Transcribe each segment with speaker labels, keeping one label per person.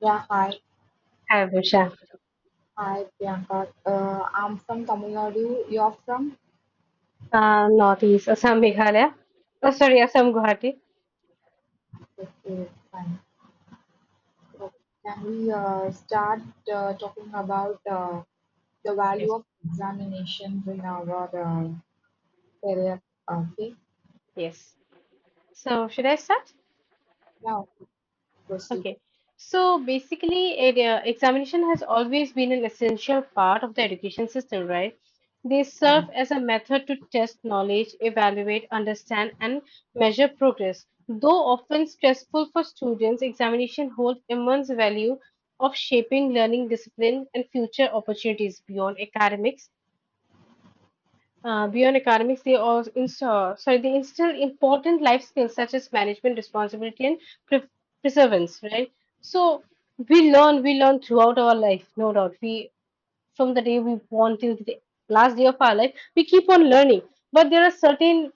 Speaker 1: Yeah, hi.
Speaker 2: Hi, Abhusha.
Speaker 1: Hi, Priyanka. I'm from Tamil Nadu. You're from?
Speaker 2: Northeast Assam, Meghalaya. Oh, sorry, Assam, Guwahati.
Speaker 1: Okay, fine. So can we start talking about the value
Speaker 2: Yes,
Speaker 1: of examinations in our uh, career? Okay.
Speaker 2: yes. So, should I start?
Speaker 1: Yeah, proceed.
Speaker 2: Okay. So, basically, examination has always been an essential part of the education system, right? They serve
Speaker 1: Yeah.
Speaker 2: as a method to test knowledge, evaluate, understand, and measure progress. Though often stressful for students, examination hold immense value of shaping learning discipline and future opportunities beyond academics. Beyond economics, they also insta- sorry, they instill important life skills such as management, responsibility, and pre- perseverance. Right. So we learn throughout our life, no doubt. We, from the day we born till the last day of our life, we keep on learning. But there are certain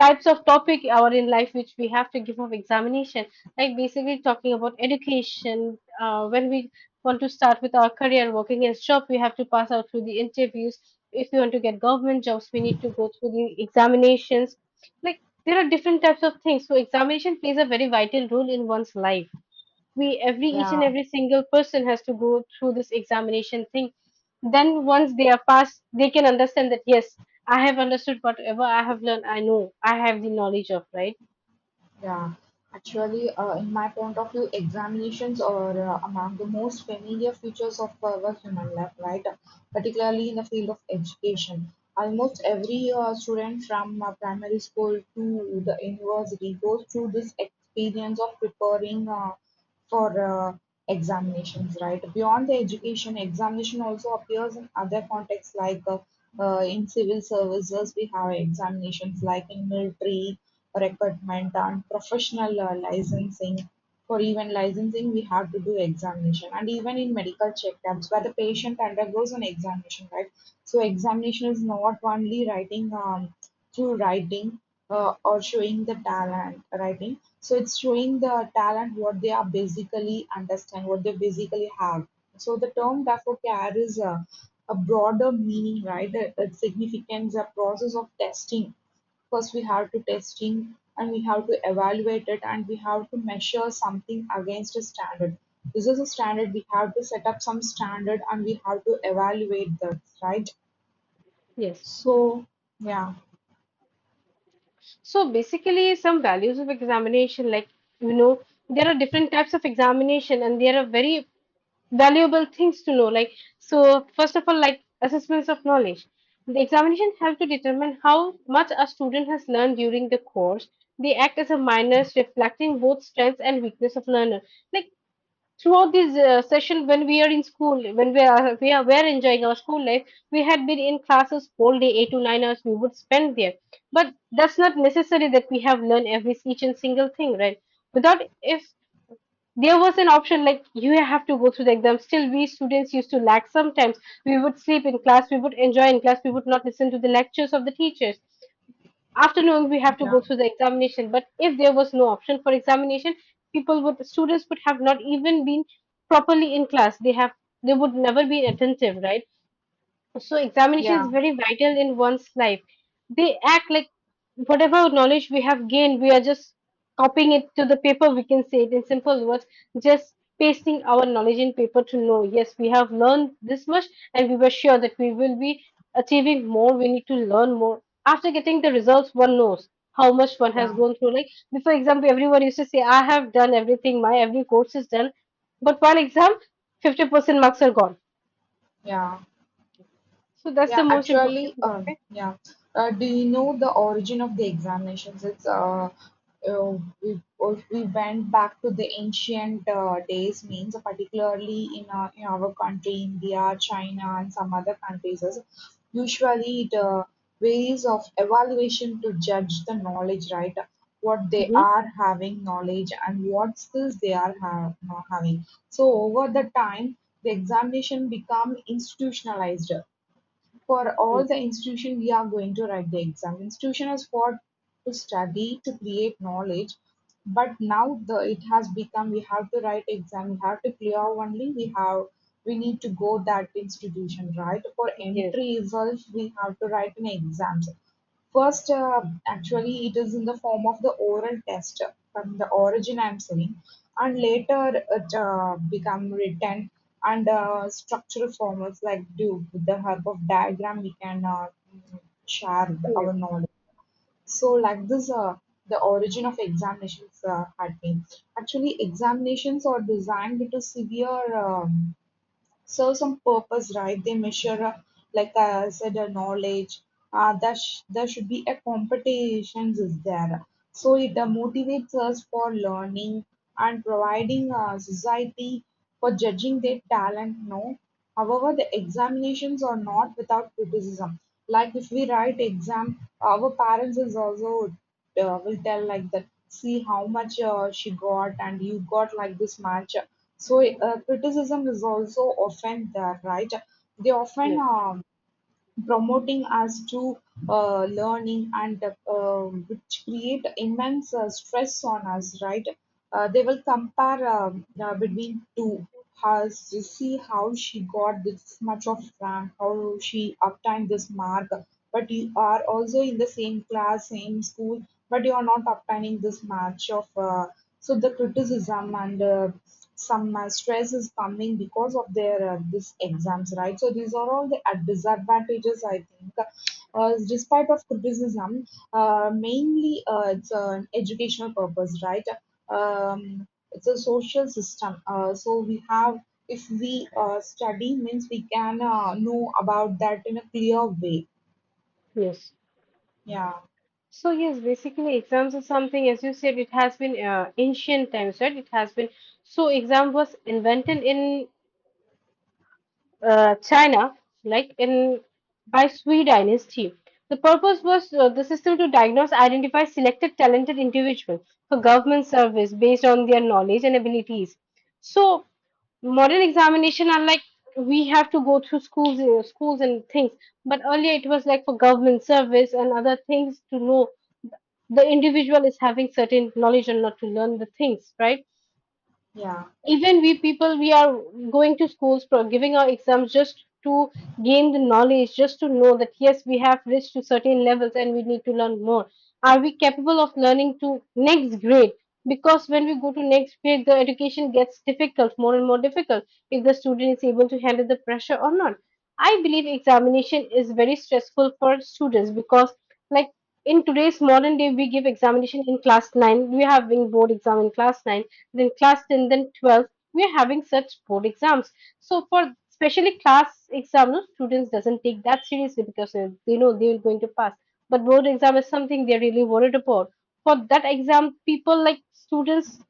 Speaker 2: types of topic our in life which we have to give of examination, like basically talking about education, when we want to start with our career working as job, we have to pass out through the interviews. If we want to get government jobs, we need to go through the examinations. Like, there are different types of things, so examination plays a very vital role in one's life. We, every each
Speaker 1: Yeah.
Speaker 2: and every single person, has to go through this examination thing. Then once they are passed, they can understand that, yes, I have understood whatever I have learned. I know I have the knowledge of, right?
Speaker 1: Yeah, actually, in my point of view, examinations are among the most familiar features of our human life, right? Particularly in the field of education. Almost every student from primary school to the university goes through this experience of preparing for examinations, right? Beyond the education, examination also appears in other contexts like in civil services, we have examinations like in military recruitment and professional licensing. For even licensing, we have to do examination, and even in medical checkups, where the patient undergoes an examination, right? So examination is not only writing. Through writing or showing the talent writing, so it's showing the talent what they are basically understand what they basically have. So the term therefore carries a broader meaning, right? It signifies a process of testing. First we have to testing and we have to evaluate it and we have to measure something against a standard. This is a standard, we have to set up some standard and we have to evaluate that, right?
Speaker 2: Yes.
Speaker 1: So yeah.
Speaker 2: So basically some values of examination, like you know there are different types of examination and there are very valuable things to know, like, so first of all, like assessments of knowledge. The examination help to determine how much a student has learned during the course. They act as a minors reflecting both strengths and weakness of learner. Like, throughout this session, when we are in school, when we are were enjoying our school life, we had been in classes all day, 8 to 9 hours we would spend there. But that's not necessary that we have learned every each and single thing, right? Without, if there was an option like you have to go through the exam. Still, we students used to lack sometimes. We would sleep in class, we would enjoy in class, we would not listen to the lectures of the teachers. After knowing we have to
Speaker 1: Yeah.
Speaker 2: go through the examination, but if there was no option for examination, people would students would have not even been properly in class. They would never be attentive, right? So examination
Speaker 1: Yeah.
Speaker 2: is very vital in one's life. They act like whatever knowledge we have gained, we are just copying it to the paper. We can say it in simple words, just pasting our knowledge in paper to know, yes, we have learned this much and we were sure that we will be achieving more. We need to learn more. After getting the results, one knows how much one has
Speaker 1: Yeah,
Speaker 2: gone through. Like, for example, everyone used to say, I have done everything, my every course is done. But while exam, 50% marks are gone.
Speaker 1: yeah.
Speaker 2: So that's
Speaker 1: Yeah,
Speaker 2: the most
Speaker 1: actually,
Speaker 2: important thing, okay?
Speaker 1: yeah. Do you know the origin of the examinations? It's uh, we if we went back to the ancient days, means particularly in in our country, India, China, and some other countries. Usually, the ways of evaluation to judge the knowledge, right? What they
Speaker 2: Mhm.
Speaker 1: are having knowledge and what skills they are having. So over the time, the examination become institutionalized for all
Speaker 2: Yes,
Speaker 1: the institution we are going to write the exam. Institution is what, to study, to create knowledge. But now the it has become we have to write exam, we have to clear only, we need to go that institution, right? For
Speaker 2: yes,
Speaker 1: entry results, we have to write an exam. First, actually, it is in the form of the oral test from the origin I'm saying, and later it become written and structural formats like do with the help of diagram we can mm, share our knowledge. So, like this, the origin of examinations had been. Actually examinations are designed to severe. Serves some purpose, right? They measure, like I said, knowledge. There should be a competitions is there, so it motivates us for learning and providing society for judging their talent. No, however, the examinations are not without criticism. Like if we write exam, our parents is also will tell like that. See how much she got, and you got like this much, so criticism is also often there, right? They often
Speaker 2: yes,
Speaker 1: promoting us to learning and which create immense stress on us, right? They will compare between two. Has to see how she got this much of rank, how she obtained this mark. But you are also in the same class, same school, but you are not obtaining this much of. So the criticism and some stress is coming because of their this exams, right? So these are all the disadvantages, I think. Despite of criticism, mainly it's an educational purpose, right? um, it's a social system, so we have, if we study means we can know about that in a clear way.
Speaker 2: yes.
Speaker 1: Yeah.
Speaker 2: So yes, basically exams is something, as you said, it has been ancient times, right? It has been, so exam was invented in China, like in by Sui Dynasty. The purpose was the system to diagnose, identify selected talented individuals for government service based on their knowledge and abilities. So modern examination are like we have to go through schools and things. But earlier it was like for government service and other things to know the individual is having certain knowledge or not, to learn the things, right?
Speaker 1: Yeah.
Speaker 2: Even we people, we are going to schools for giving our exams just to gain the knowledge, just to know that, yes, we have reached to certain levels and we need to learn more. Are we capable of learning to next grade? Because when we go to next grade, the education gets difficult, more and more difficult. If the student is able to handle the pressure or not. I believe examination is very stressful for students because, like, in today's modern day we give examination in class 9, we are having board exam in class 9, then class 10, then 12, we're having such board exams. So for especially class exam, no, students doesn't take that seriously because they know they are going to pass. But board exam is something they're really worried about. For that exam, people, like students,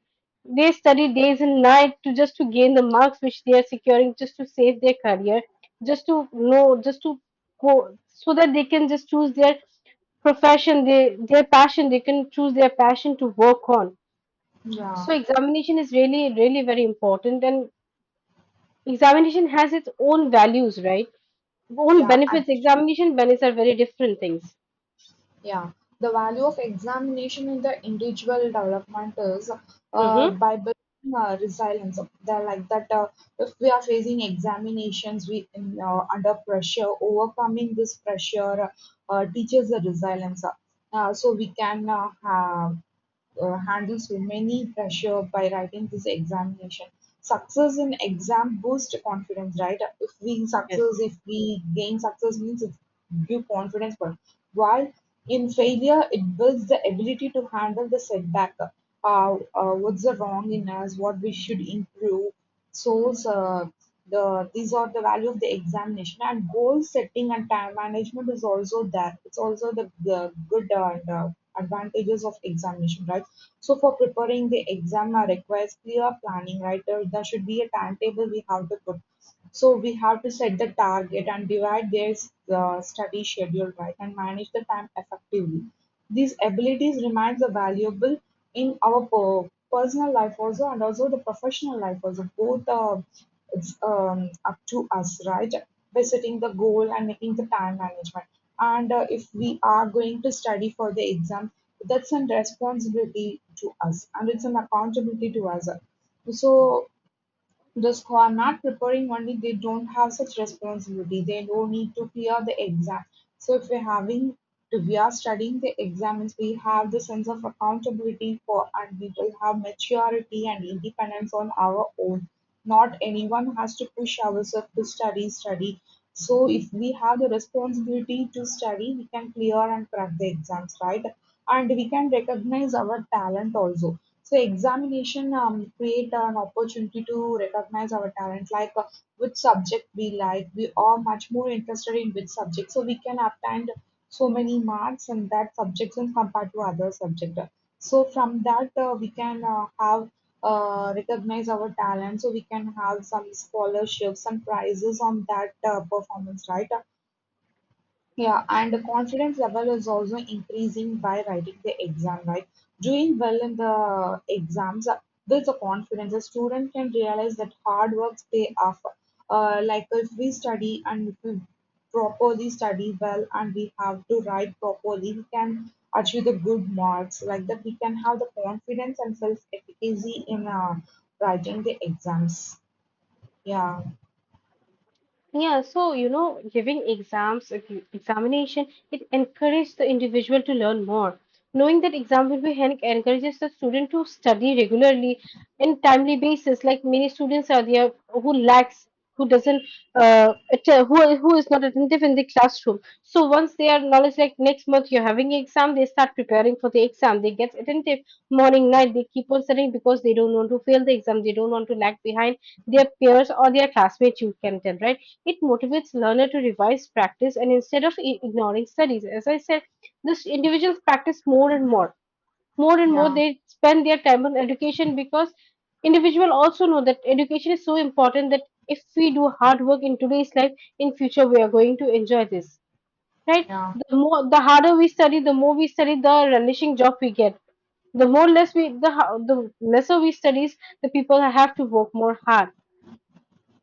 Speaker 2: they study days and night to just to gain the marks which they are securing, just to save their career, just to know, just to go, so that they can just choose their profession, they, their passion, they can choose their passion to work on.
Speaker 1: Yeah.
Speaker 2: So examination is really, really very important, and examination has its own values, right? Own
Speaker 1: Yeah.
Speaker 2: benefits. Examination benefits are very different things.
Speaker 1: Yeah, the value of examination in the individual development is
Speaker 2: Mm-hmm.
Speaker 1: by building resilience. They're like that. If we are facing examinations, we under pressure, overcoming this pressure teaches the resilience. So we can have handle so many pressure by writing this examination. Success in exam boosts confidence, right?
Speaker 2: Yes.
Speaker 1: If we gain success, means it give confidence. But while in failure, it builds the ability to handle the setback. What's the wrong in us? What we should improve? So, these are the value of the examination, and goal setting and time management is also there. It's also the good and advantages of examination, right? So, for preparing the exam requires clear planning, right? There should be a timetable we have to put. So we have to set the target and divide their study schedule, right, and manage the time effectively. These abilities remains are valuable in our personal life also, and also the professional life also. Both it's up to us, right? By setting the goal and making the time management. And if we are going to study for the exam, that's a responsibility to us and it's an accountability to us. So those who are not preparing only, they don't have such responsibility. They don't need to clear the exam. So if we are studying the exams, we have the sense of accountability for, and we will have maturity and independence on our own. Not anyone has to push ourselves to study, study. So if we have the responsibility to study, we can clear and crack the exams, right? And we can recognize our talent also. So examination create an opportunity to recognize our talent, like which subject we like. We are much more interested in which subject, so we can obtain so many marks in that subject when compared to other subject. So from that we can have recognize our talent, so we can have some scholarships, some prizes on that performance, right? Yeah, and the confidence level is also increasing by writing the exam, right? Doing well in the exams builds a confidence. A student can realize that hard work pay off. Like if we study and if we properly study well and we have to write properly, we can achieve the good marks. Like that, we can have the confidence and self-efficacy in writing the exams. Yeah,
Speaker 2: Yeah, so giving exams, examination, it encourages the individual to learn more. Knowing that exam will be held encourages the student to study regularly and timely basis. Like many students are there who lacks, who doesn't, who is not attentive in the classroom. So once they are knowledge, like next month you're having exam, they start preparing for the exam. They get attentive morning, night. They keep on studying because they don't want to fail the exam. They don't want to lag behind their peers or their classmates. You can tell, right? It motivates learner to revise, practice, and instead of ignoring studies. As I said, this individuals practice more and more. More and more,
Speaker 1: yeah,
Speaker 2: they spend their time on education because individual also know that education is so important that if we do hard work in today's life, in future we are going to enjoy this. Right?
Speaker 1: yeah,
Speaker 2: The more, the harder we study, the more we study, the relishing job we get, the more less we, the the lesser we studies, the people have to work more hard.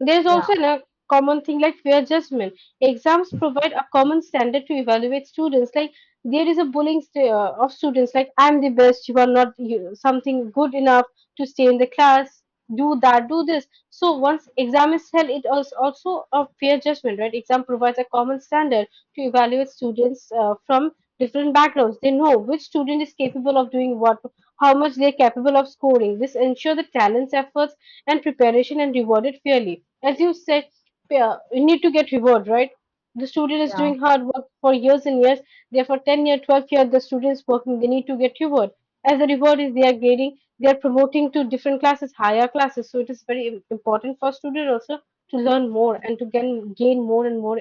Speaker 2: There is
Speaker 1: yeah,
Speaker 2: also a common thing like peer judgment. Exams provide a common standard to evaluate students. Like, there is a bullying of students, like, I'm the best, you are not, you, something good enough to stay in the class. Do that, do this. So once exam is held, it is also a fair judgment, right? Exam provides a common standard to evaluate students from different backgrounds. They know which student is capable of doing what, how much they are capable of scoring. This ensure the talents, efforts and preparation and rewarded fairly. As you said, you need to get reward, right? The student is
Speaker 1: yeah.
Speaker 2: doing hard work for years and years. Therefore, 10 year, 12 year, the students working, they need to get reward. As the reward is they are grading, they are promoting to different classes, higher classes. So it is very important for student also to learn more and to gain more and more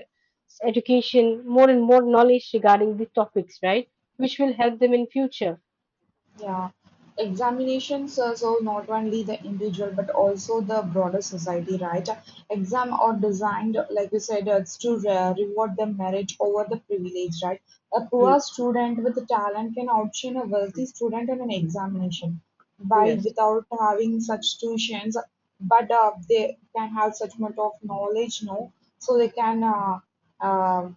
Speaker 2: education, more and more knowledge regarding the topics, right? Which will help them in future.
Speaker 1: Yeah, examinations, so not only the individual but also the broader society, right? Exam are designed, like you said, it's to reward the merit over the privilege, right? A
Speaker 2: Mm.
Speaker 1: poor student with talent can outshine a wealthy student in an examination by
Speaker 2: Yes.
Speaker 1: without having such tuitions, but they can have such much of knowledge, no? So they can uh,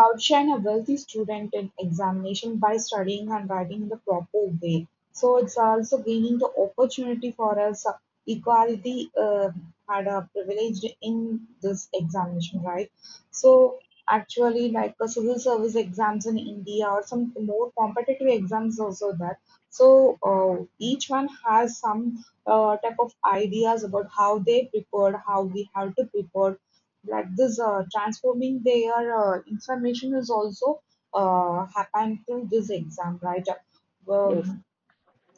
Speaker 1: outshine a wealthy student in examination by studying and writing in the proper way. So it's also gaining the opportunity for us. Equality had a privilege in this examination, right? So actually, like civil service exams in India or some more competitive exams also that. So each one has some type of ideas about how they prepared, how we have to prepare like this. Transforming their information is also happened through this exam, right.
Speaker 2: Yes.
Speaker 1: um,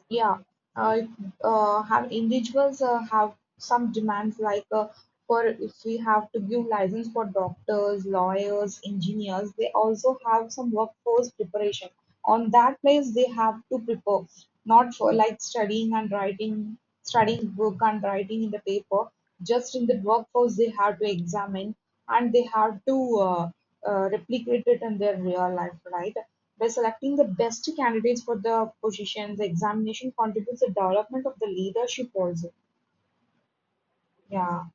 Speaker 1: yeah. uh, have individuals have some demands like for if we have to give license for doctors, lawyers, engineers, they also have some workforce preparation. On that place they have to prepare, not for like studying and writing, studying book and writing in the paper. Just in the workforce, they have to examine and they have to replicate it in their real life, right? By selecting the best candidates for the positions, the examination contributes the development of the leadership also. Yeah,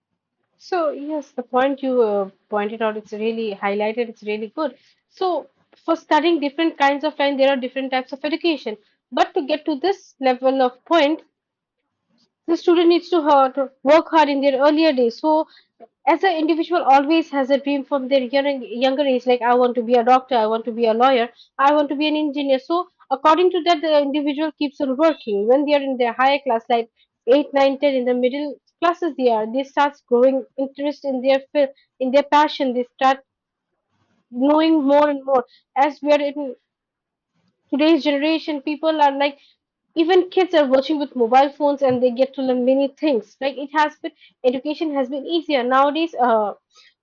Speaker 2: So, yes, the point you pointed out, it's really highlighted, it's really good. So, for studying different kinds of line, there are different types of education. But to get to this level of point, the student needs work hard in their earlier days. So as an individual always has a dream from their younger age, like, I want to be a doctor, I want to be a lawyer, I want to be an engineer. So according to that, the individual keeps on working. When they are in their higher class, like 8, 9, 10, in the middle classes, they are, they start growing interest in their field, in their passion, they start knowing more and more. As we are in today's generation, people are like, even kids are watching with mobile phones and they get to learn many things. Like, education has been easier nowadays.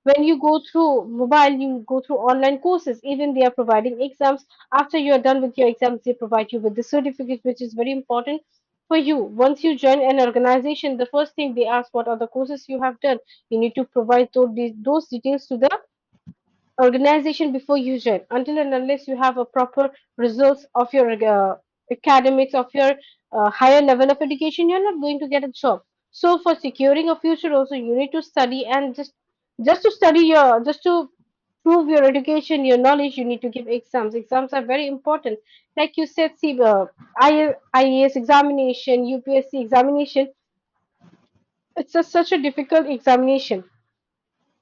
Speaker 2: When you go through mobile, you go through online courses. Even they are providing exams. After you are done with your exams, they provide you with the certificate, which is very important for you. Once you join an organization, the first thing they ask what are the courses you have done. You need to provide those details to the organization before you join. Until and unless you have a proper results of your academics, of your higher level of education, you're not going to get a job. So for securing a future also, you need to study. And just to study your, just to prove your education, your knowledge, you need to give exams. Exams are very important. Like you said, see, I- IAS examination, UPSC examination, it's a, such a difficult examination.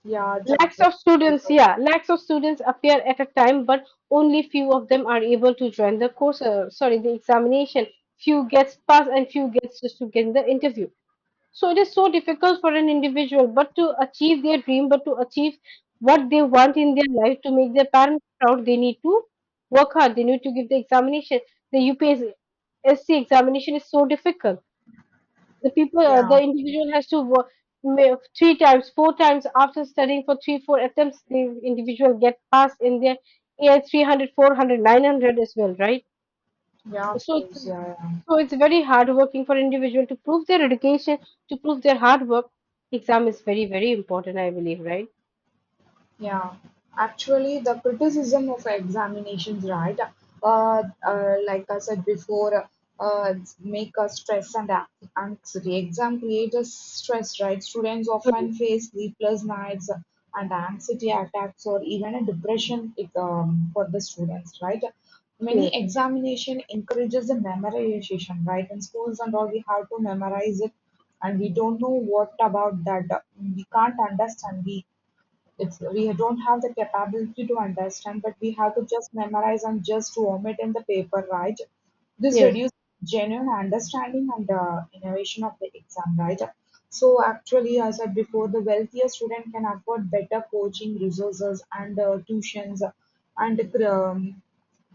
Speaker 1: yeah, it's a
Speaker 2: Lakhs of
Speaker 1: very
Speaker 2: students,
Speaker 1: good.
Speaker 2: yeah, lakhs of students appear at a time, but only few of them are able to join the course, sorry, the examination. Few gets pass and few gets just to get the interview. So it is so difficult for an individual, but to achieve their dream, but to achieve what they want in their life, to make their parents proud, they need to work hard. They need to give the examination. The UPSC examination is so difficult. The people, the
Speaker 1: Yeah,
Speaker 2: individual has to work three times, four times. After studying for 3 4 attempts, the individual get passed in their, yeah, 300, 400, 900 as well, right?
Speaker 1: yeah, of
Speaker 2: So it's,
Speaker 1: course, yeah. Yeah.
Speaker 2: so it's very hard working for individual to prove their education, to prove their hard work. Exam is very important, I believe, right?
Speaker 1: Yeah, actually, the criticism of examinations, right? Like I said before, uh, make us stress and anxiety. Exam creates stress, right? Students
Speaker 2: Mm.
Speaker 1: often face sleepless nights and anxiety attacks or even a depression, for the students, right? Many
Speaker 2: Yes.
Speaker 1: examination encourages the memorization, right? In schools and all, we have to memorize it, and we don't know what about that. We can't understand. We don't have the capability to understand, but we have to just memorize and just vomit in the paper, right? This
Speaker 2: Yes.
Speaker 1: reduces genuine understanding and innovation of the exam, right? So actually, as I said before, the wealthier student can afford better coaching resources and tuitions and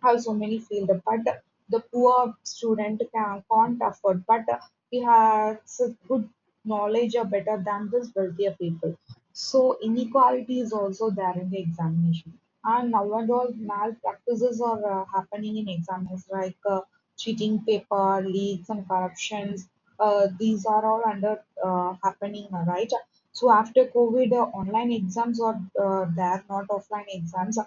Speaker 1: have so many feel. But the poor student can't afford, but he has a good knowledge or better than this wealthier people. So inequality is also there in the examination. And nowadays malpractices are happening in examinations like cheating paper, leaks and corruptions. These are all under happening, right? So after COVID, online exams are there, not offline exams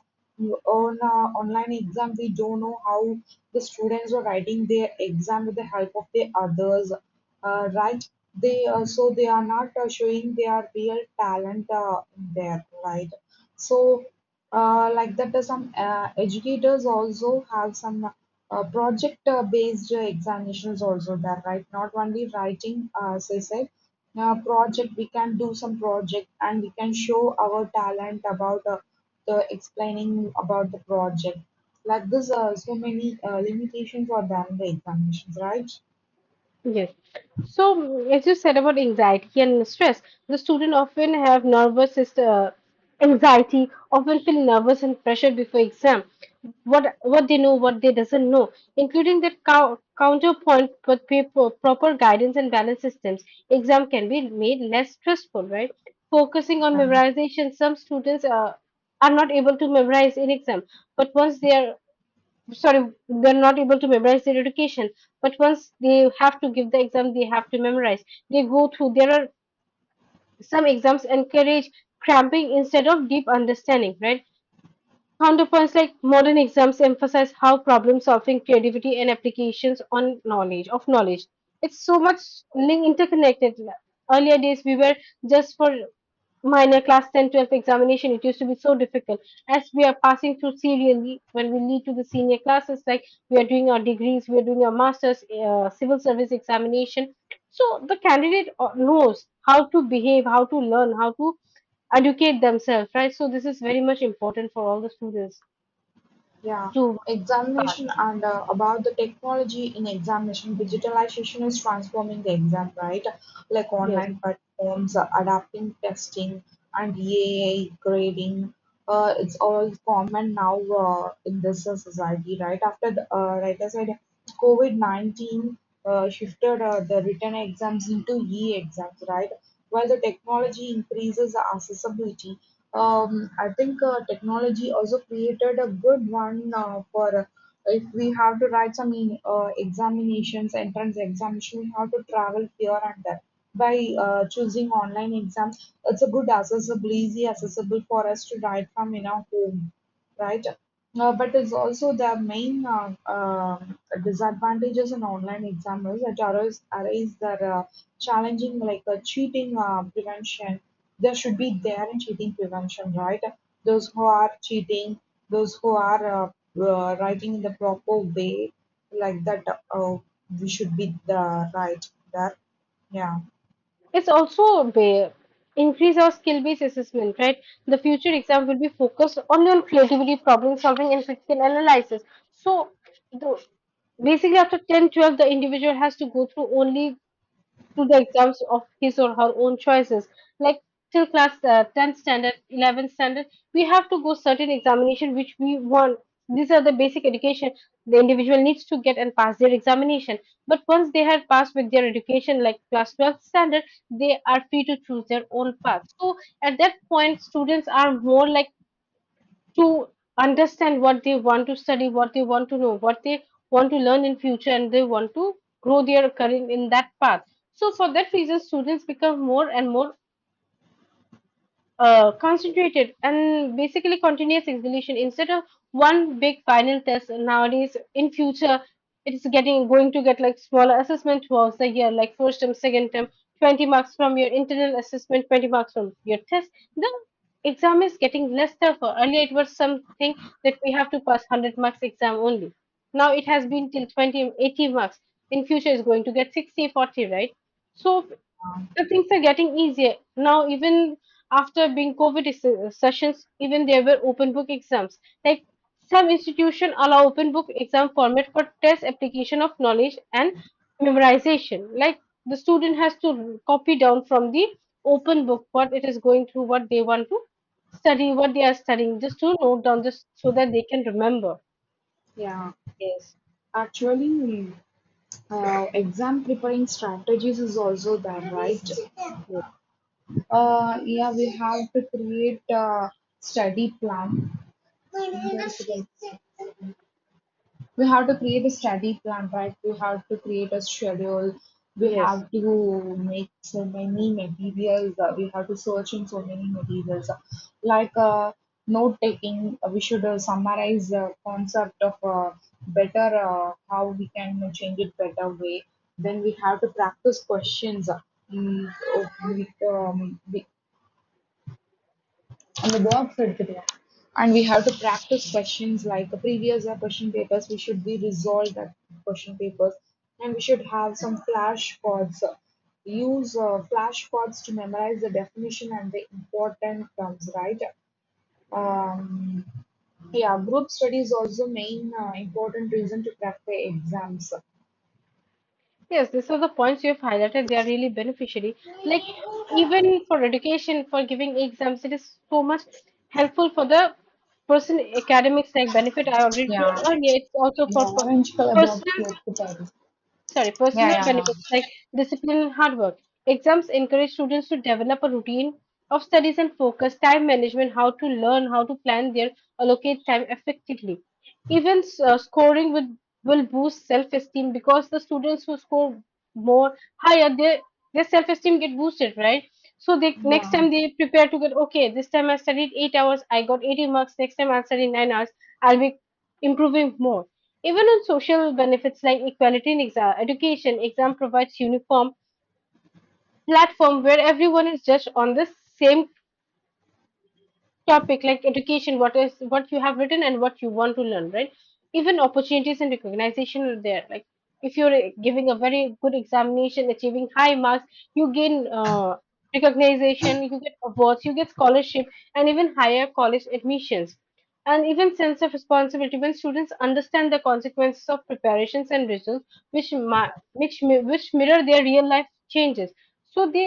Speaker 1: on online exam we don't know how the students are writing their exam with the help of the others right. They also they are not showing their real talent there, right? so, like that, some educators also have some project-based examinations also there, right? Not only writing, as I said, project. We can do some project and we can show our talent about the explaining about the project. Like this, so many limitations are there in the examinations, right?
Speaker 2: Yes. So, as you said about anxiety and stress, the student often have nervous system, anxiety, often feel nervous and pressure before exam. What they know, what they doesn't know, including that counterpoint with paper, proper guidance and balance systems, exam can be made less stressful, right? Focusing on
Speaker 1: Yeah.
Speaker 2: memorization, some students are not able to memorize in exam, but once they are, sorry, they're not able to memorize their education, but once they have to give the exam, they have to memorize. They go through, there are some exams encourage cramping instead of deep understanding, right? Counterpoints like modern exams emphasize how problem solving, creativity, and applications on knowledge of knowledge. It's so much link interconnected. Earlier days we were just for minor class 10, 12 examination, it used to be so difficult. As we are passing through serially, when we lead to the senior classes, like we are doing our degrees, we are doing our masters, civil service examination, so the candidate knows how to behave, how to learn, how to educate themselves, right? So this is very much important for all the students
Speaker 1: Yeah,
Speaker 2: to pass.
Speaker 1: examination and about the technology in examination, digitalization is transforming the exam, right? Like
Speaker 2: Yes,
Speaker 1: online platforms, adapting testing, and EAA grading. It's all common now in this society, right? After the writer side. COVID-19 shifted the written exams into e-exams, right? While the technology increases the accessibility, I think technology also created a good one for if we have to write some in examinations, entrance examination, we have to travel here and there. By choosing online exams, it's a good accessible, easy accessible for us to write from in our home, right? But it's also the main disadvantages in online examiners that arise that challenging like cheating prevention. There should be there in cheating prevention, right? Those who are cheating, those who are writing in the proper way, like that, uh, we should be the right there. Yeah.
Speaker 2: it's also increase our skill-based assessment, right? The future exam will be focused only on creativity, problem solving, and critical analysis. So the, basically after 10, 12, the individual has to go through only to the exams of his or her own choices. Like till class 10th standard, 11th standard, we have to go certain examination which we want. These are the basic education the individual needs to get and pass their examination. But once they have passed with their education, like class 12th standard, they are free to choose their own path. So at that point, students are more like to understand what they want to study, what they want to know, what they want to learn in future, and they want to grow their career in that path. So for that reason, students become more and more concentrated. And basically continuous exhibition instead of one big final test, nowadays in future it's getting, going to get like smaller assessment throughout the year, like first term, second term, 20 marks from your internal assessment, 20 marks from your test. The exam is getting less tougher. Earlier it was something that we have to pass 100 marks exam only. Now it has been till 20 80 marks. In future it's going to get 60 40, right? So
Speaker 1: Um,
Speaker 2: the things are getting easier now. Even after being covid sessions, even there were open book exams. Like some institution allow open book exam format for test application of knowledge and memorization. Like the student has to copy down from the open book what it is going through, what they want to study, what they are studying, just to note down, just so that they can remember.
Speaker 1: Yeah.
Speaker 2: Yes.
Speaker 1: Actually, exam preparing strategies is also there, right? Yeah, we have to create a study plan, we have to create a study plan, right? We have to create a schedule. We
Speaker 2: Yes.
Speaker 1: have to make so many materials. We have to search in so many materials, like note taking. We should summarize the concept of better how we can change it better way. Then we have to practice questions. Mm, oh, we on the box எடுத்துக்கலாம். And we have to practice questions like the previous year question papers. We should be resolved at question papers, and we should have some flashcards. Use flashcards to memorize the definition and the important terms. Right? Um, yeah, group study is also main important reason to crack the exams.
Speaker 2: Yes, these are the points you have highlighted. They are really beneficiary. Like even for education, for giving exams, it is so much helpful for the person academics like benefit. I already
Speaker 1: Yeah,
Speaker 2: told earlier. It's also for
Speaker 1: an orange color box.
Speaker 2: personal,
Speaker 1: Yeah,
Speaker 2: sorry,
Speaker 1: yeah,
Speaker 2: personal
Speaker 1: yeah.
Speaker 2: benefits like discipline and hard work. Exams encourage students to develop a routine of studies and focus, time management, how to learn, how to plan their, allocate time effectively. Even scoring will boost self-esteem, because the students who score more higher, their self-esteem get boosted, right? So they next
Speaker 1: Yeah.
Speaker 2: time they prepare to get, okay, this time I studied 8 hours, I got 80 marks. Next time I'll study 9 hours, I'll be improving more. Even on social benefits like equality in education, exam provides uniform platform where everyone is judged on the same topic, like education, what is, what you have written and what you want to learn, right? Even opportunities and recognition are there. Like if you're giving a very good examination, achieving high marks, you gain recognition, you get awards, you get scholarship, and even higher college admissions. And even sense of responsibility, when students understand the consequences of preparations and results, which ma- which mi- which mirror their real life changes. So they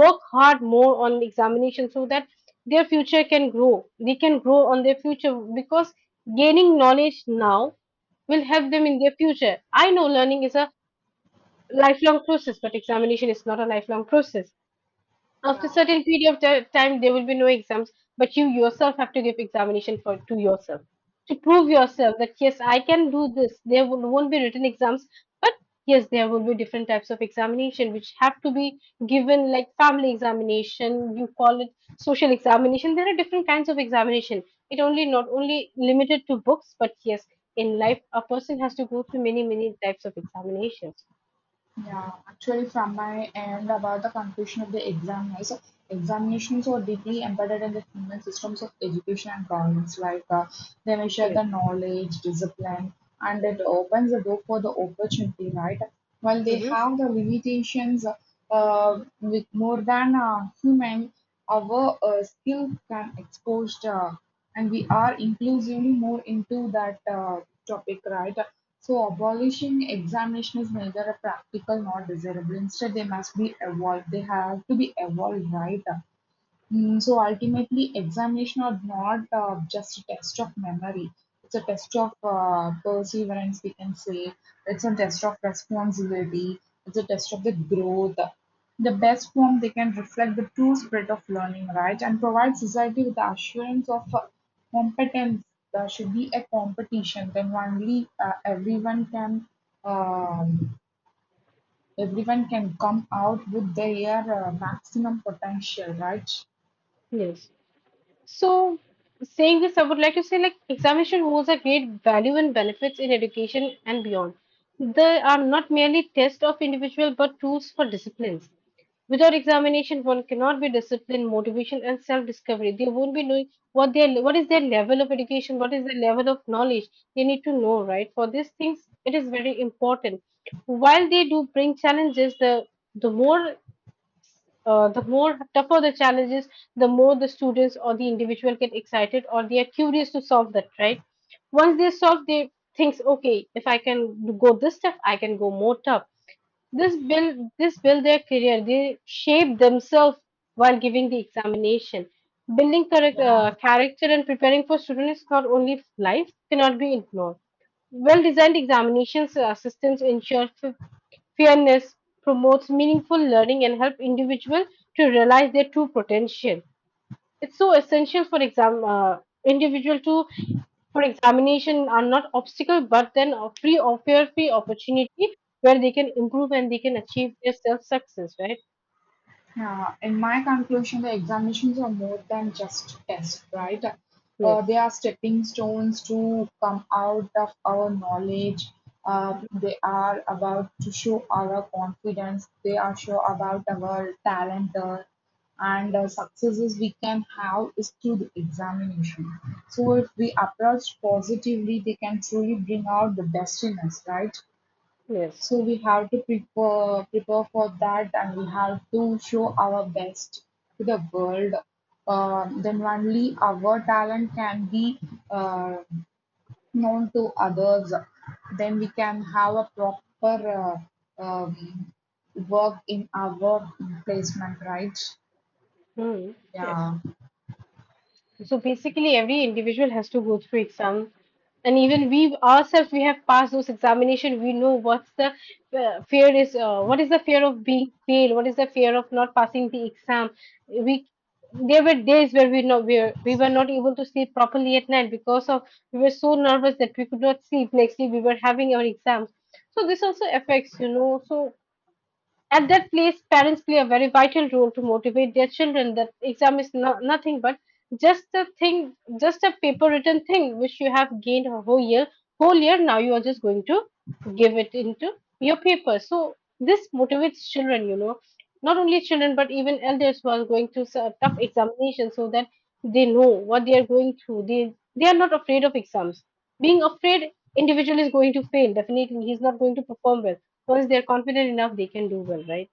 Speaker 2: work hard more on examination so that their future can grow. They can grow on their future, because gaining knowledge now will help them in their future. I know learning is a lifelong process, but examination is not a lifelong process. After a certain period of time, there will be no exams, but you yourself have to give examination for, to yourself, to prove yourself that yes, I can do this. There will, won't be written exams, but yes, there will be different types of examination which have to be given, like family examination. You call it social examination. There are different kinds of examination. It only, not only limited to books, but yes, in life, a person has to go through many types of examinations.
Speaker 1: Yeah, actually, from my end about the conclusion of the examiners, examinations are deeply embedded in the human systems of education and governance. Like they measure
Speaker 2: Yes.
Speaker 1: the knowledge, discipline, and it opens the door for the opportunity, right? While they
Speaker 2: Hmm.
Speaker 1: have the limitations, with more than a human, our skill can expose. And we are inclusively more into that topic, right? So abolishing examination is neither a practical nor desirable. Instead, they must be evolved. They have to be evolved, right? So ultimately, examination are not just a test of memory. It's a test of perseverance, we can say. It's a test of responsibility. It's a test of the growth. The best form they can reflect the true spirit of learning, right? And provide society with the assurance of competence. There should be a competition. Then only um, everyone can come out with their maximum potential, right?
Speaker 2: Yes. So, saying this, I would like to say like examination holds a great value and benefits in education and beyond. They are not merely tests of individual but tools for disciplines. Without examination, one cannot be disciplined, motivation, and self-discovery. They won't be knowing what their, what is their level of education, what is their level of knowledge. They need to know, right? For these things, it is very important. While they do bring challenges, the more, the more tougher the challenges, the more the students or the individual get excited, or they are curious to solve that, right? Once they solve, they thinks, okay, if I can go this tough, I can go more tough. This build their career. They shape themselves while giving the examination. Building correct
Speaker 1: Yeah.
Speaker 2: character and preparing for students is not only life, cannot be ignored. Well designed examinations systems ensure fairness, promotes meaningful learning, and help individual to realize their true potential. It's so essential for exam, individual to, for examination are not obstacle but then a free or fair free opportunity where they can improve and they can achieve their self success, right?
Speaker 1: In my conclusion, the examinations are more than just tests, right?
Speaker 2: Yes.
Speaker 1: They are stepping stones to come out of our knowledge. They are about to show our confidence. They are show about our talent and successes we can have is through the examination. So if we approach positively, they can truly bring out the best in us, right?
Speaker 2: Yes.
Speaker 1: So we have to prepare for that, and we have to show our best to the world. Then only our talent can be uh, known to others. Then we can have a proper um, work in our placement, right?
Speaker 2: Hmm. Yes.
Speaker 1: Yeah.
Speaker 2: So basically, every individual has to go through exam, and even we ourselves, we have passed those examination. We know what's the fear is. What is the fear of being failed? What is the fear of not passing the exam? We, there were days where we know we were not able to sleep properly at night, because of we were so nervous that we could not sleep. Next day we were having our exams, so this also affects, you know. So at that place, parents play a very vital role to motivate their children that exam is no, nothing but just a thing, just a paper written thing which you have gained a whole year. Whole year now you are just going to give it into your paper. So this motivates children, you know, not only children but even elders who are going through tough examinations, so that they know what they are going through. They are not afraid of exams. Being afraid, individual is going to fail. Definitely, he's not going to perform well, because they're confident enough they can do well, right?